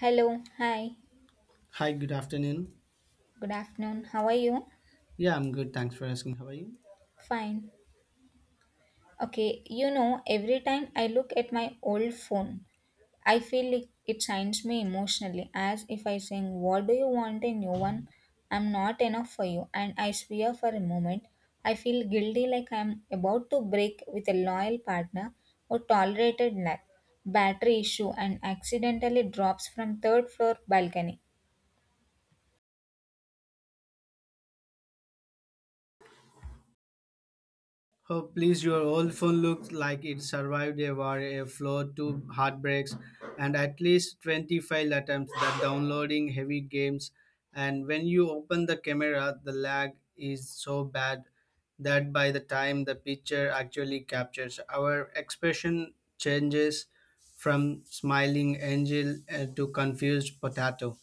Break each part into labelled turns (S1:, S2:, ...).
S1: Hello, hi,
S2: Hi, good afternoon.
S1: good afternoon. How are you?
S2: Yeah, I'm good. Thanks for asking. How are you?
S1: Fine. Okay, you know, every time I look at my old phone, I feel it shines me emotionally as if I saying, What do you want a new one? I'm not enough for you. And I swear for a moment, I feel guilty like I'm about to break with a loyal partner who tolerated lack, battery issue, and accidentally drops from third floor balcony.
S2: Oh, please, your old phone looks like it survived a war, a flood, two heartbreaks, and at least 20 file attempts that downloading heavy games. And when you open the camera, the lag is so bad that by the time the picture actually captures, our expression changes from smiling angel to confused potato.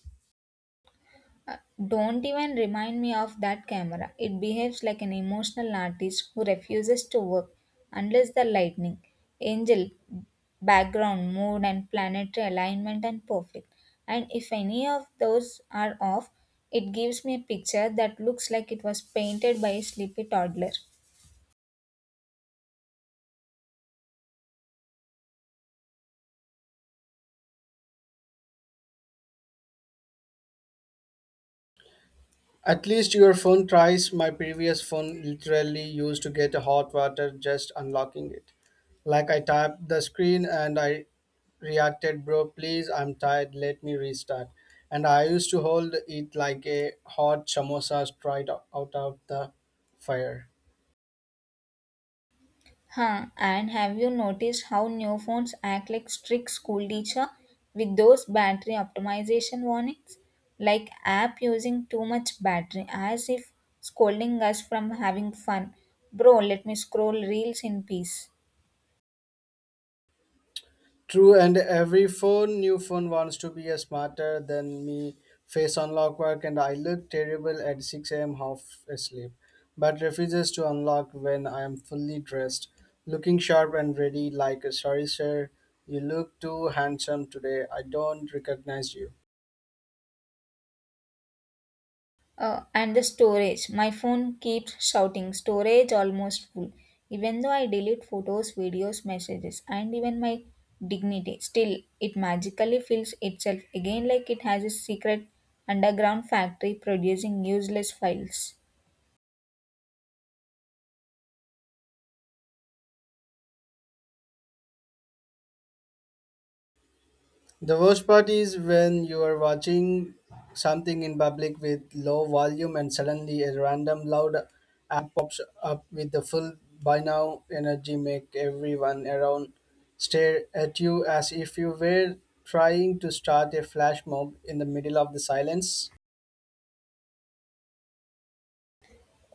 S1: Uh, Don't even remind me of that camera. It behaves like an emotional artist who refuses to work unless the lightning, angel, background, mood, and planetary alignment are perfect. And if any of those are off, it gives me a picture that looks like it was painted by a sleepy toddler.
S2: At least your phone tries. My previous phone literally used to get hot water just unlocking it. Like I tapped the screen and I reacted, bro, please, I'm tired, let me restart. And I used to hold it like a hot samosa straight out of the fire.
S1: Huh, and have you noticed how new phones act like strict school teacher with those battery optimization warnings? Like app using too much battery as if scolding us from having fun. Bro, let me scroll reels in peace.
S2: True, and every phone, new phone wants to be a smarter than me. Face unlock work, and I look terrible at 6 a.m. half asleep, but refuses to unlock when I am fully dressed, looking sharp and ready. Like, sorry, sir, you look too handsome today. I don't recognize you.
S1: And the storage. My phone keeps shouting, storage almost full. Even though I delete photos, videos, messages, and even my dignity, still it magically fills itself again like it has a secret underground factory producing useless files.
S2: The worst part is when you are watching something in public with low volume and suddenly a random loud ad pops up with the full by now energy make everyone around stare at you as if you were trying to start a flash mob in the middle of the silence.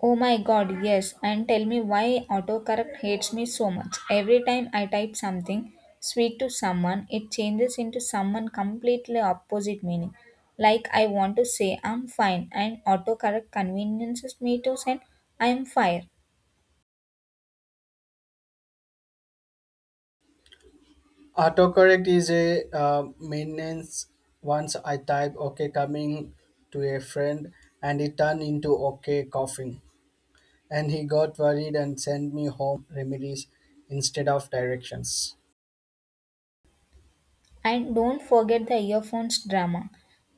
S1: Oh my god, yes. And tell me why autocorrect hates me so much. Every time I type something sweet to someone, it changes into someone completely opposite meaning. Like I want to say I'm fine and autocorrect conveniences me to send I'm fire.
S2: Autocorrect is a maintenance once I type okay coming to a friend and it turned into okay coughing. And he got worried and sent me home remedies instead of directions.
S1: And don't forget the earphones drama.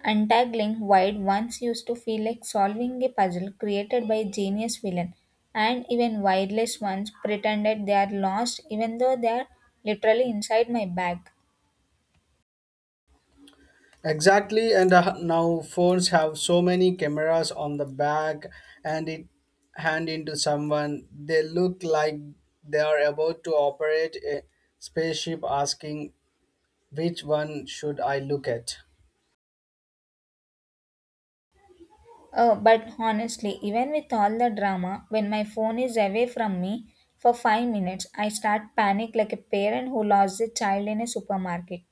S1: Untangling Wide once used to feel like solving a puzzle created by a genius villain, and even wireless ones pretended they are lost even though they are literally inside my bag.
S2: Exactly, and now phones have so many cameras on the back, and it hand into someone, they look like they are about to operate a spaceship, asking which one should I look at.
S1: Oh, but honestly, even with all the drama, when my phone is away from me for 5 minutes, I start panic like a parent who lost a child in a supermarket.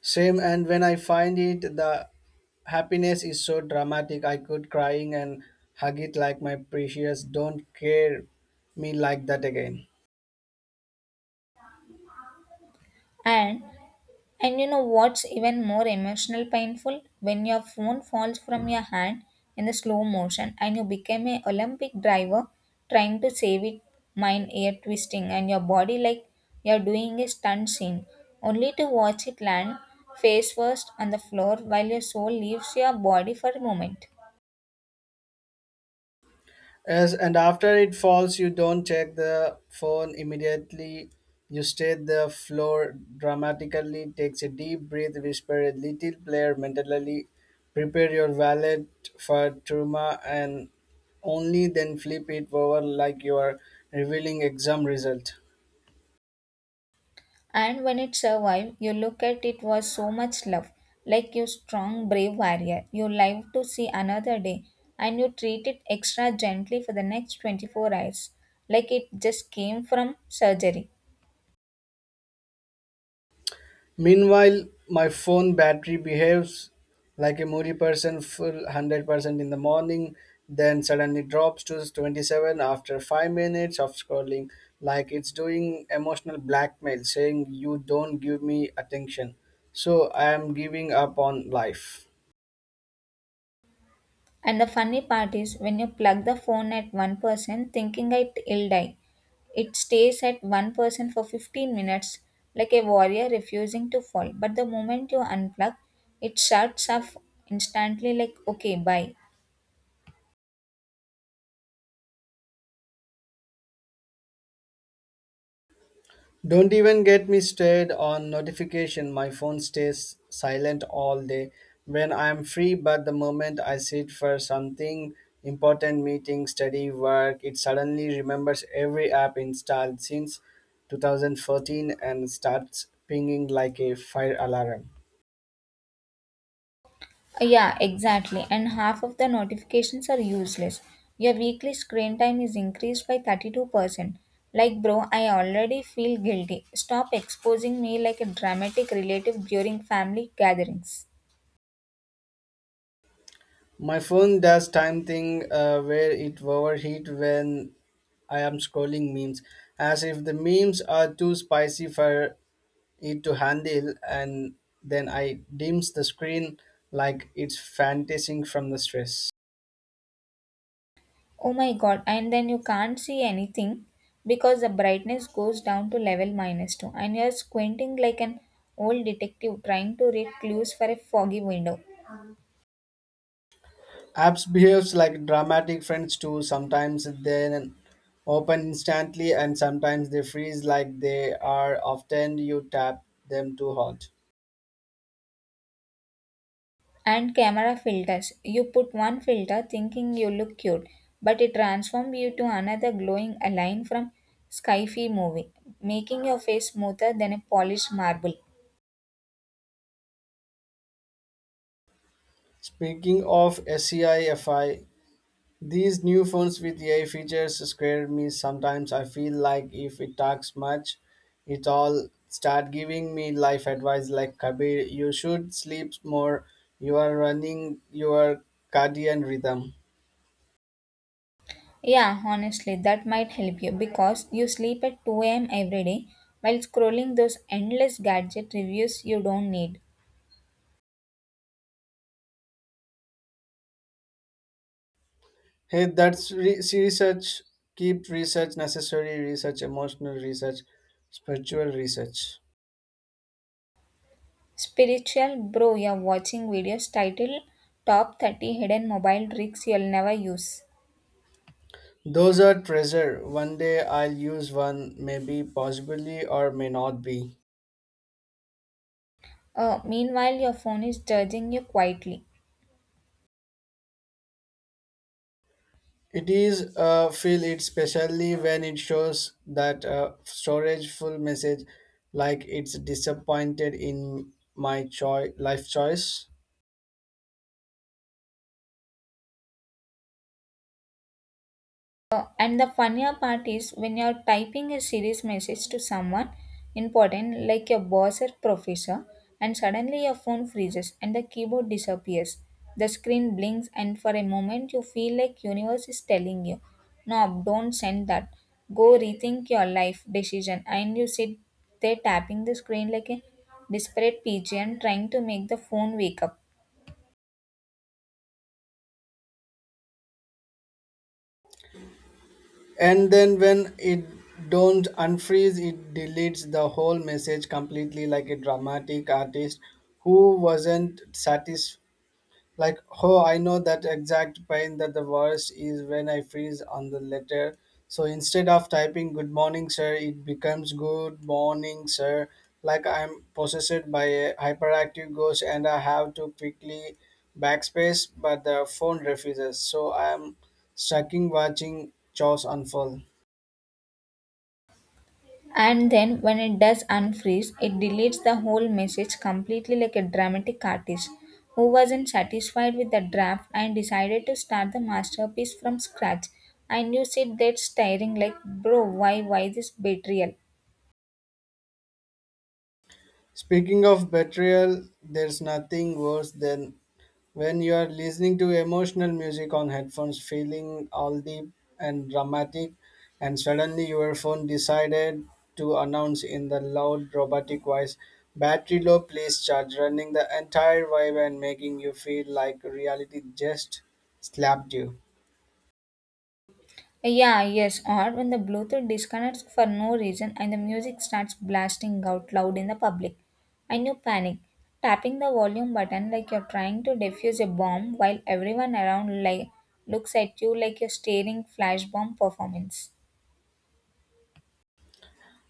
S2: Same, and when I find it, the happiness is so dramatic. I could crying and hug it like my precious. Don't care me like that again.
S1: And and you know what's even more emotional painful when your phone falls from your hand in the slow motion and you become a Olympic driver trying to save it, mind air twisting and your body like you're doing a stunt scene, only to watch it land face first on the floor while your soul leaves your body for a moment.
S2: Yes, and after it falls, you don't check the phone immediately. You stay the floor dramatically, takes a deep breath, whisper a little prayer mentally, prepare your wallet for trauma, and only then flip it over like you are revealing exam result.
S1: And when it survived, you look at it was so much love. Like you strong, brave warrior. You live to see another day and you treat it extra gently for the next 24 hours. Like it just came from surgery.
S2: Meanwhile, my phone battery behaves like a moody person full 100% in the morning, then suddenly drops to 27 after 5 minutes of scrolling, like it's doing emotional blackmail saying, you don't give me attention, so I am giving up on life.
S1: And the funny part is when you plug the phone at one person thinking it will die, it stays at one person for 15 minutes like a warrior refusing to fall. But the moment you unplug, it shuts off instantly like okay, bye.
S2: Don't even get me started on notification. My phone stays silent all day when I'm free, but the moment I sit for something important meeting, study, work, it suddenly remembers every app installed since 2014 and starts pinging like a fire alarm.
S1: Yeah, exactly. And half of the notifications are useless. Your weekly screen time is increased by 32%. Like, bro, I already feel guilty. Stop exposing me like a dramatic relative during family gatherings.
S2: My phone does time thing where it overheat when I am scrolling memes, as if the memes are too spicy for it to handle, and then I dims the screen like it's fantasizing from the stress.
S1: Oh my god, and then you can't see anything because the brightness goes down to level minus 2, and you're squinting like an old detective trying to read clues for a foggy window.
S2: Apps behaves like dramatic friends too. Sometimes they open instantly and sometimes they freeze like they are often you tap them too hard.
S1: And camera filters. You put one filter thinking you look cute, but it transforms you to another glowing line from Skyfi movie, making your face smoother than a polished marble.
S2: Speaking of SEIFI, these new phones with AI features scare me sometimes. I feel like if it talks much, it all start giving me life advice like, Kabir, you should sleep more. You are running your cardiac rhythm.
S1: Yeah, honestly, that might help you because you sleep at 2 a.m. every day while scrolling those endless gadget reviews you don't need.
S2: Hey, that's research. Keep research necessary research, emotional research, spiritual research.
S1: Spiritual Bro, you're watching videos titled Top 30 Hidden Mobile Tricks You'll Never Use.
S2: Those are treasure. One day I'll use one, maybe, possibly, or may not be.
S1: Meanwhile, your phone is judging you quietly.
S2: It is feel it, especially when it shows that storage full message like it's disappointed in my life choice.
S1: And the funnier part is when you're typing a serious message to someone important, like your boss or professor, and suddenly your phone freezes and the keyboard disappears. The screen blinks, and for a moment you feel like universe is telling you, "No, don't send that. Go rethink your life decision." And you sit there tapping the screen like a desperate pigeon, trying to make the phone wake up.
S2: And then when it don't unfreeze, it deletes the whole message completely like a dramatic artist who wasn't Like, oh, I know that exact pain. That the worst is when I freeze on the letter. So instead of typing good morning, sir, it becomes good morning, sir. Like I'm possessed by a hyperactive ghost and I have to quickly backspace, but the phone refuses. So I'm sucking watching chores unfold.
S1: And then when it does unfreeze, it deletes the whole message completely like a dramatic artist who wasn't satisfied with the draft and decided to start the masterpiece from scratch. And you sit there staring like bro, why this betrayal.
S2: Speaking of betrayal, there's nothing worse than when you are listening to emotional music on headphones, feeling all deep and dramatic, and suddenly your phone decided to announce in the loud robotic voice, battery low, please charge, running the entire vibe and making you feel like reality just slapped you.
S1: Yeah, yes, or when the Bluetooth disconnects for no reason and the music starts blasting out loud in the public. And you panic, tapping the volume button like you're trying to defuse a bomb while everyone around like looks at you like you're staring flash bomb performance.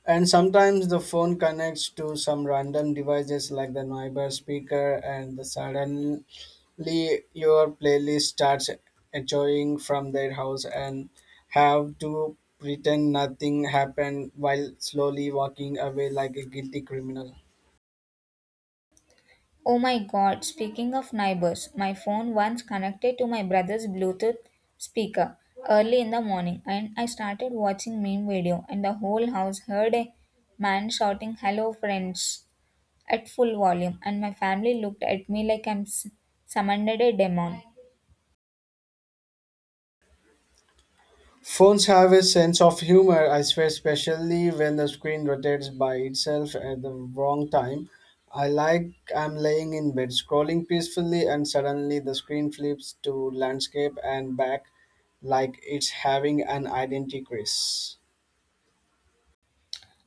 S2: And sometimes the phone connects to some random devices like the neighbor speaker, and the sudden play your playlist starts enjoying from their house and have to pretend nothing happened while slowly walking away like a guilty criminal.
S1: Oh my god, speaking of neighbors, my phone once connected to my brother's Bluetooth speaker early in the morning and I started watching meme video and the whole house heard a man shouting hello friends at full volume and my family looked at me like summoned a demon.
S2: Phones have a sense of humor, I swear, especially when the screen rotates by itself at the wrong time. I like I'm laying in bed scrolling peacefully and suddenly the screen flips to landscape and back like it's having an identity crisis.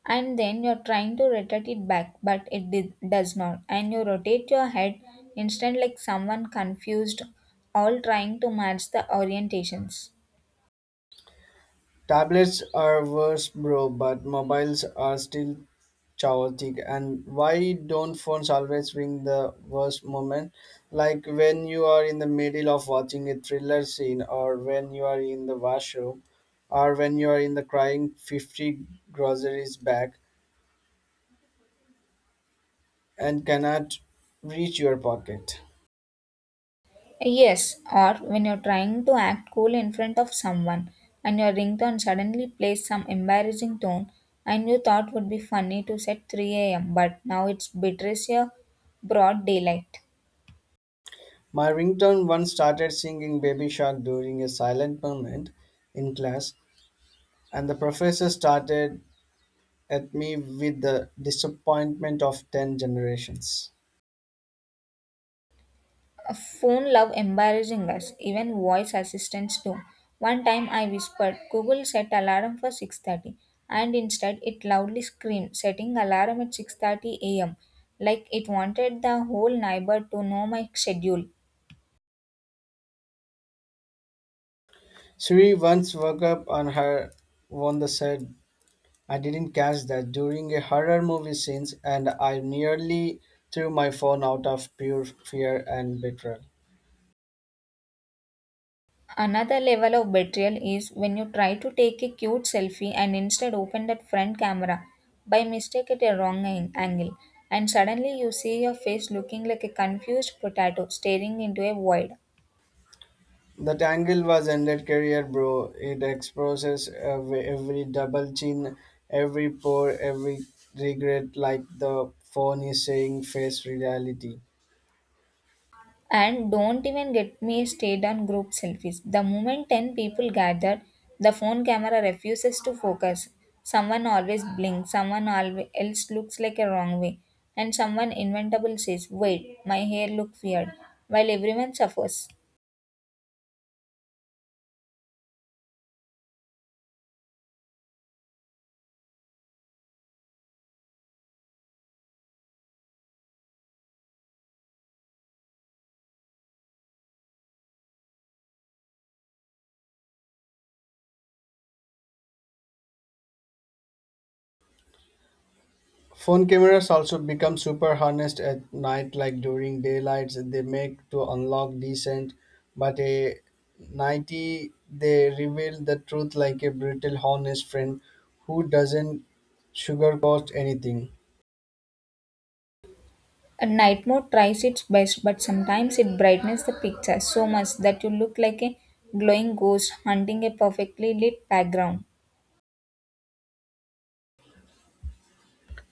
S1: And then you're trying to rotate it back but it does not and you rotate your head instant like someone confused all trying to match the orientations.
S2: Tablets are worse, bro, but mobiles are still chaotic. And why don't phones always bring the worst moment? Like when you are in the middle of watching a thriller scene, or when you are in the washroom, or when you are in the crying 50 groceries bag and cannot reach your pocket.
S1: Yes, or when you're trying to act cool in front of someone and your ringtone suddenly plays some embarrassing tone and you thought would be funny to set 3 a.m. but now it's betrays your broad daylight.
S2: My ringtone once started singing Baby Shark during a silent moment in class, and the professor started at me with the disappointment of 10 generations.
S1: Phone love embarrassing us, even voice assistants do. One time I whispered, Google set alarm for 6:30 and instead it loudly screamed, setting alarm at 6:30 a.m. like it wanted the whole neighbor to know my schedule.
S2: Sri once woke up on her one that said, I didn't catch that during a horror movie scenes and I nearly threw my phone out of pure fear and betrayal.
S1: Another level of betrayal is when you try to take a cute selfie and instead open that front camera by mistake at a wrong angle, and suddenly you see your face looking like a confused potato staring into a void.
S2: That angle was ended career, bro. It exposes every double chin, every pore, every regret, like the phone is saying face reality.
S1: And don't even get me started on group selfies. The moment 10 people gather, the phone camera refuses to focus. Someone always blinks, someone always else looks like a wrong way, and someone inventable says, Wait, my hair look weird, while everyone suffers.
S2: Phone cameras also become super harnessed at night, like during daylights. They make to unlock decent, but a nighty they reveal the truth like a brutal honest friend who doesn't sugarcoat anything.
S1: A night mode tries its best, but sometimes it brightens the picture so much that you look like a glowing ghost hunting a perfectly lit background.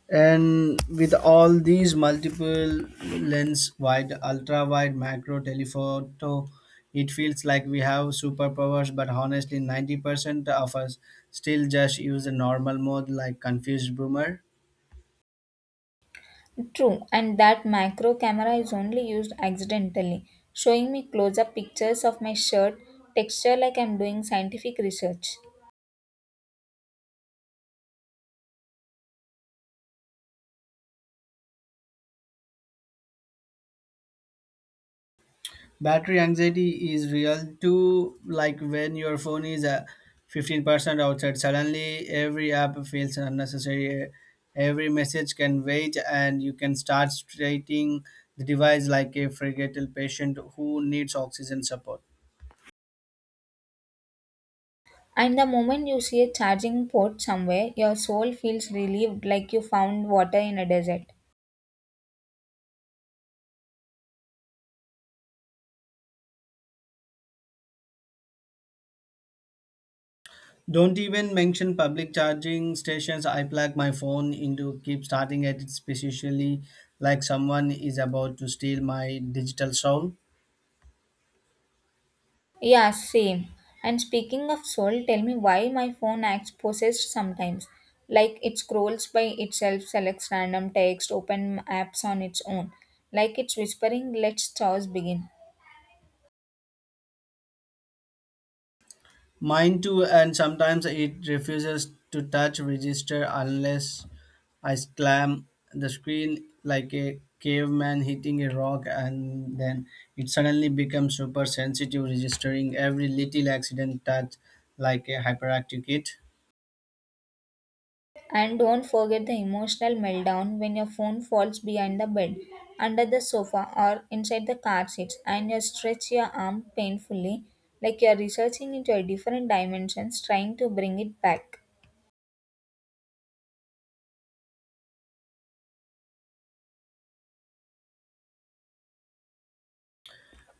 S2: And with all these multiple lens wide, ultra wide, macro, telephoto, it feels like we have superpowers, but honestly, 90% of us still just use the normal mode like confused boomer.
S1: True, and that macro camera is only used accidentally, showing me close up pictures of my shirt texture like I'm doing scientific research.
S2: Battery anxiety is real too, like when your phone is 15% outside, suddenly every app feels unnecessary. Every message can wait, and you can start treating the device like a fragile patient who needs oxygen support.
S1: And the moment you see a charging port somewhere, your soul feels relieved like you found water in a desert.
S2: Don't even mention public charging stations. I plug my phone into keep starting at it, especially like someone is about to steal my digital soul.
S1: Yeah, same. And speaking of soul, tell me why my phone acts possessed sometimes. Like it scrolls by itself, selects random text, open apps on its own. Like it's whispering, let's chores begin.
S2: Mine too, and sometimes it refuses to touch register unless I slam the screen like a caveman hitting a rock, and then it suddenly becomes super sensitive, registering every little accident touch like a hyperactive kid.
S1: And don't forget the emotional meltdown when your phone falls behind the bed, under the sofa, or inside the car seats, and you stretch your arm painfully, like you're researching into a different dimensions, trying to bring it back.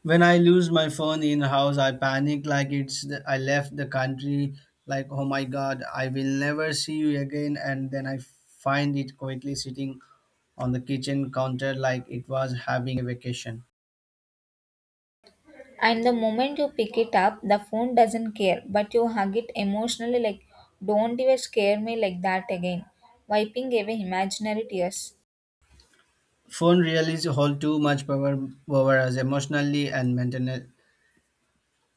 S2: When I lose my phone in house, I panic like it's the, I left the country. Like oh my god, I will never see you again, and then I find it quietly sitting on the kitchen counter like it was having a vacation.
S1: And the moment you pick it up, the phone doesn't care, but you hug it emotionally like, don't even scare me like that again, wiping away imaginary tears.
S2: Phone really hold too much power over us emotionally and mentally.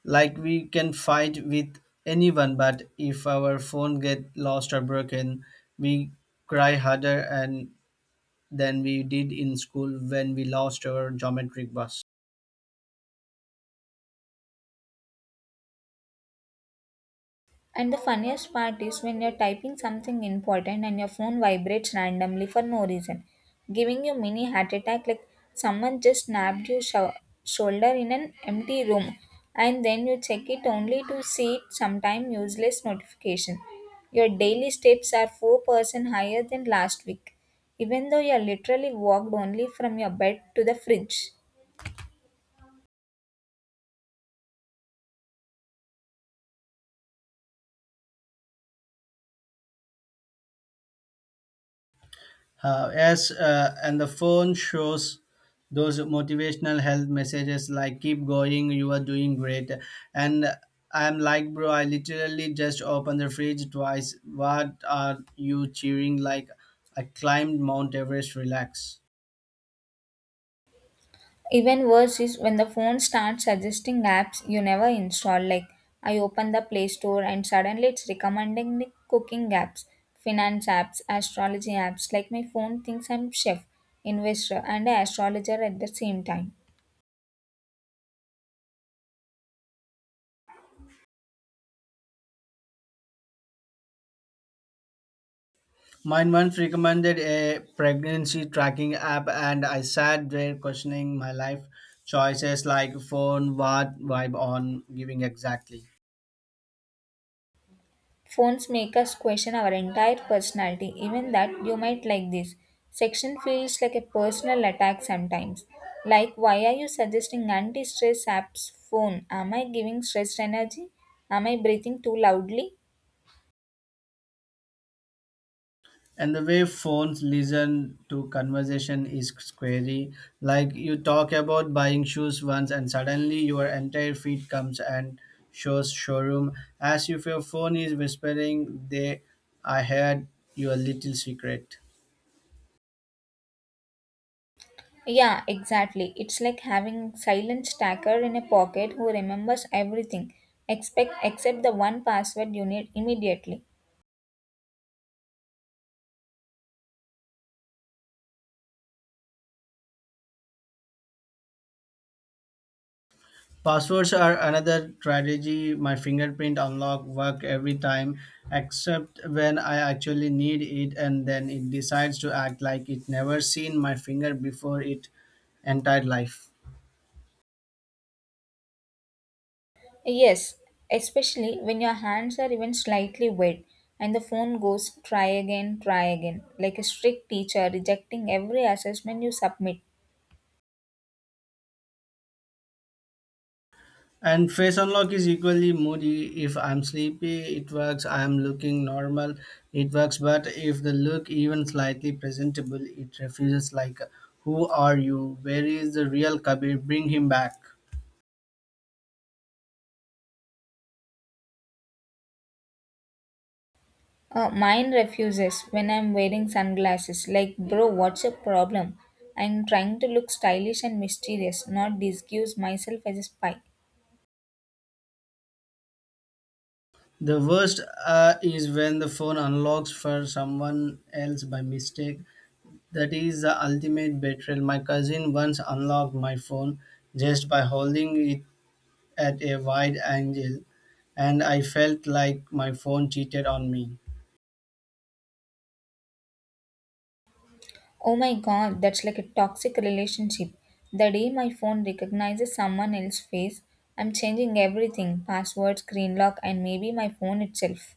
S2: Like we can fight with anyone, but if our phone get lost or broken, we cry harder and than we did in school when we lost our geometric bus.
S1: And the funniest part is when you're typing something important and your phone vibrates randomly for no reason, giving you mini heart attack like someone just snapped your shoulder in an empty room and then you check it only to see it sometime useless notification. Your daily steps are 4% higher than last week, even though you literally walked only from your bed to the fridge.
S2: Yes, and the phone shows those motivational health messages like "Keep going, you are doing great," and I'm like, bro, I literally just opened the fridge twice. What are you cheering like? I climbed Mount Everest. Relax.
S1: Even worse is when the phone starts suggesting apps you never install. Like I open the Play Store and suddenly it's recommending me cooking apps, finance apps, astrology apps. Like my phone thinks I'm chef, investor, and astrologer at the same time.
S2: Mine once recommended a pregnancy tracking app, and I sat there questioning my life choices like phone, what vibe on, giving exactly.
S1: Phones make us question our entire personality. Even that you might like this section feels like a personal attack sometimes. Like why are you suggesting anti-stress apps phone? Am I giving stressed energy? Am I breathing too loudly?
S2: And the way phones listen to conversation is scary, like you talk about buying shoes once and suddenly your entire feed comes and shows showroom as if your phone is whispering, they I heard your little secret.
S1: Yeah, exactly. It's like having silent stacker in a pocket who remembers everything, expect except the one password you need immediately.
S2: Passwords are another strategy. My fingerprint unlock work every time except when I actually need it, and then it decides to act like it never seen my finger before it entire life.
S1: Yes, especially when your hands are even slightly wet and the phone goes try again, like a strict teacher rejecting every assessment you submit.
S2: And face unlock is equally moody. If I'm sleepy, it works. I'm looking normal, it works. But if the look even slightly presentable, it refuses like, who are you? Where is the real Kabir? Bring him back.
S1: Mine refuses when I'm wearing sunglasses, like, bro, what's your problem? I'm trying to look stylish and mysterious, not disguise myself as a spy.
S2: The worst is when the phone unlocks for someone else by mistake. That is the ultimate betrayal. My cousin once unlocked my phone just by holding it at a wide angle, and I felt like my phone cheated on me.
S1: Oh my god, that's like a toxic relationship. The day my phone recognizes someone else's face, I'm changing everything password, screen lock, and maybe my phone itself.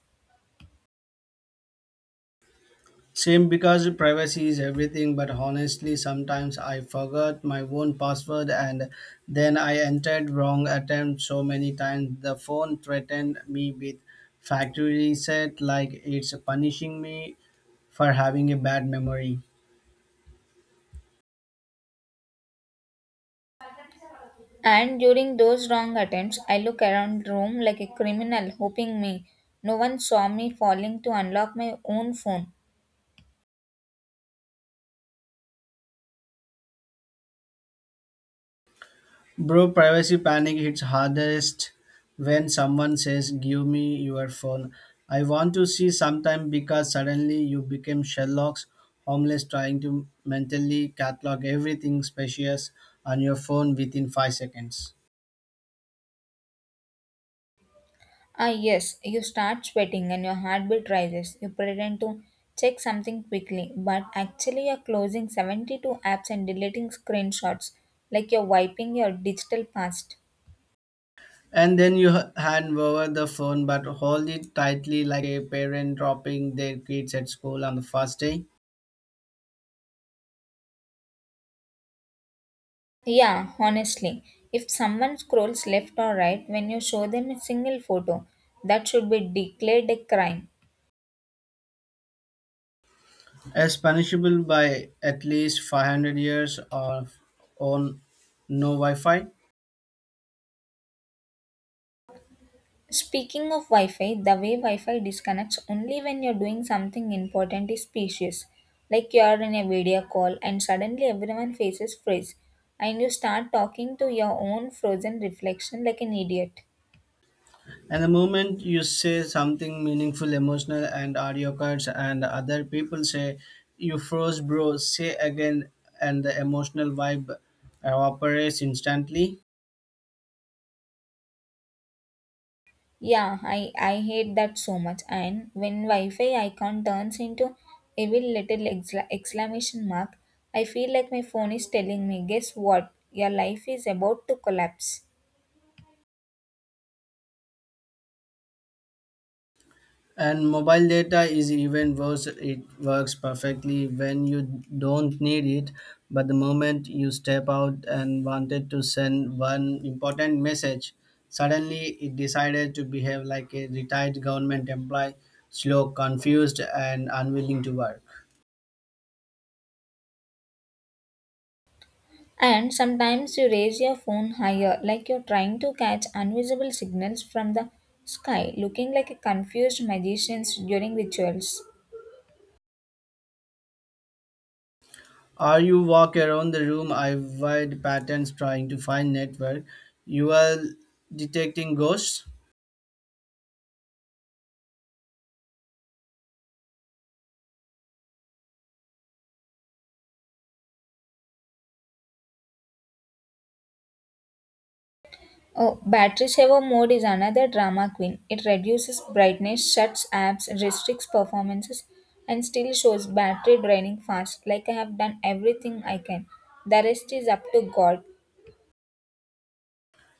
S2: Same because privacy is everything, but honestly, sometimes I forgot my own password and then I entered wrong attempt so many times the phone threatened me with factory reset like it's punishing me for having a bad memory.
S1: And during those wrong attempts, I look around the room like a criminal, hoping me. No one saw me falling to unlock my own phone.
S2: Bro, privacy panic hits hardest when someone says, give me your phone. I want to see sometime because suddenly you became Sherlock's homeless trying to mentally catalog everything spacious on your phone within five seconds.
S1: Ah, yes, you start sweating and your heartbeat rises. You pretend to check something quickly, but actually, you're closing 72 apps and deleting screenshots like you're wiping your digital past.
S2: And then you hand over the phone but hold it tightly like a parent dropping their kids at school on the first day.
S1: Yeah, honestly, if someone scrolls left or right when you show them a single photo, that should be declared a crime.
S2: As punishable by at least 500 years of on no Wi Fi.
S1: Speaking of Wi Fi, the way Wi Fi disconnects only when you're doing something important is specious. Like you are in a video call and suddenly everyone faces freeze, and you start talking to your own frozen reflection like an idiot.
S2: And the moment you say something meaningful, emotional, and audio cards, and other people say, you froze, bro, say again, and the emotional vibe evaporates instantly.
S1: Yeah, I hate that so much. And when Wi Fi icon turns into evil little exclamation mark, I feel like my phone is telling me, guess what? Your life is about to collapse.
S2: And mobile data is even worse, it works perfectly when you don't need it. But the moment you step out and wanted to send one important message, suddenly it decided to behave like a retired government employee, slow, confused, and unwilling to work.
S1: And sometimes you raise your phone higher, like you're trying to catch invisible signals from the sky, looking like a confused magician during rituals.
S2: Or you walk around the room, I avoid patterns trying to find network. You are detecting ghosts.
S1: Oh, battery saver mode is another drama queen. It reduces brightness, shuts apps, restricts performances, and still shows battery draining fast, like I have done everything I can. The rest is up to God.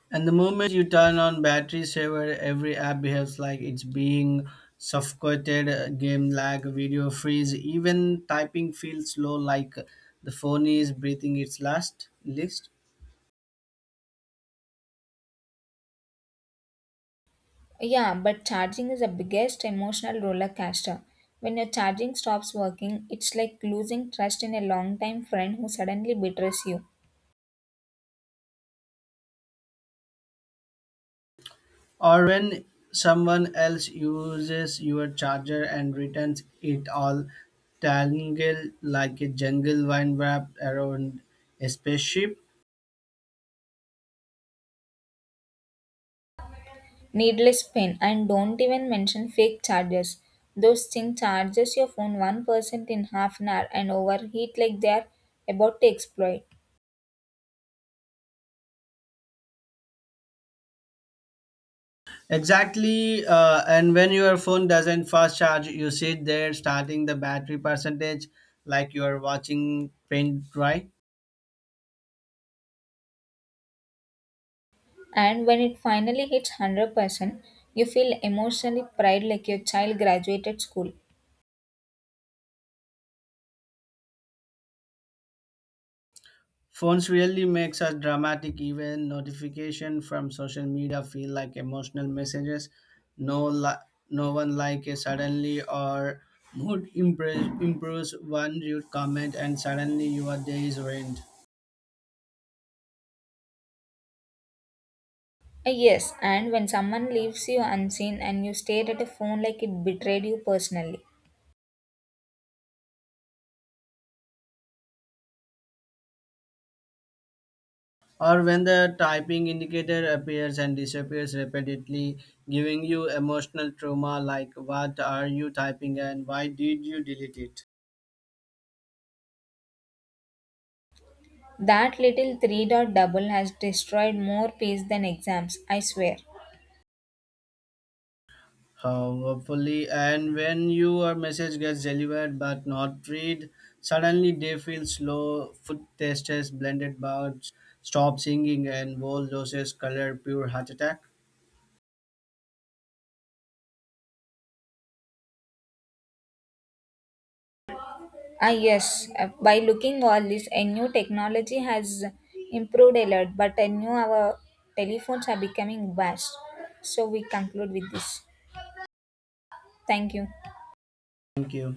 S2: And the moment you turn on battery saver, every app behaves like it's being suffocated, game lag, video freeze, even typing feels slow like the phone is breathing its last list.
S1: Yeah, but charging is the biggest emotional roller coaster. When your charging stops working, it's like losing trust in a longtime friend who suddenly betrays you.
S2: Or when someone else uses your charger and returns it all tangled like a jungle vine wrapped around a spaceship.
S1: Needless pain, and don't even mention fake chargers. Those thing charges your phone 1% in half an hour and overheat like they are about to explode.
S2: Exactly, and when your phone doesn't fast charge, you sit there starting the battery percentage like you are watching paint dry.
S1: And when it finally hits 100%, you feel emotionally pride like your child graduated school.
S2: Phones really makes a dramatic event notification from social media feel like emotional messages. No, no one like a suddenly or mood improves one rude comment and suddenly your day is ruined.
S1: Yes, and when someone leaves you unseen and you stare at a phone like it betrayed you personally,
S2: Or when the typing indicator appears and disappears repeatedly, giving you emotional trauma like what are you typing and why did you delete it?
S1: that little three dot double has destroyed more peace than exams, I swear.
S2: Hopefully, and when your message gets delivered but not read, suddenly they feel slow. Food testers, blended bouts, stop singing, and whole doses color pure heart attack.
S1: Ah, yes, by looking all this, a new technology has improved a lot, but I know our telephones are becoming vast. So we conclude with this. Thank you.
S2: Thank you.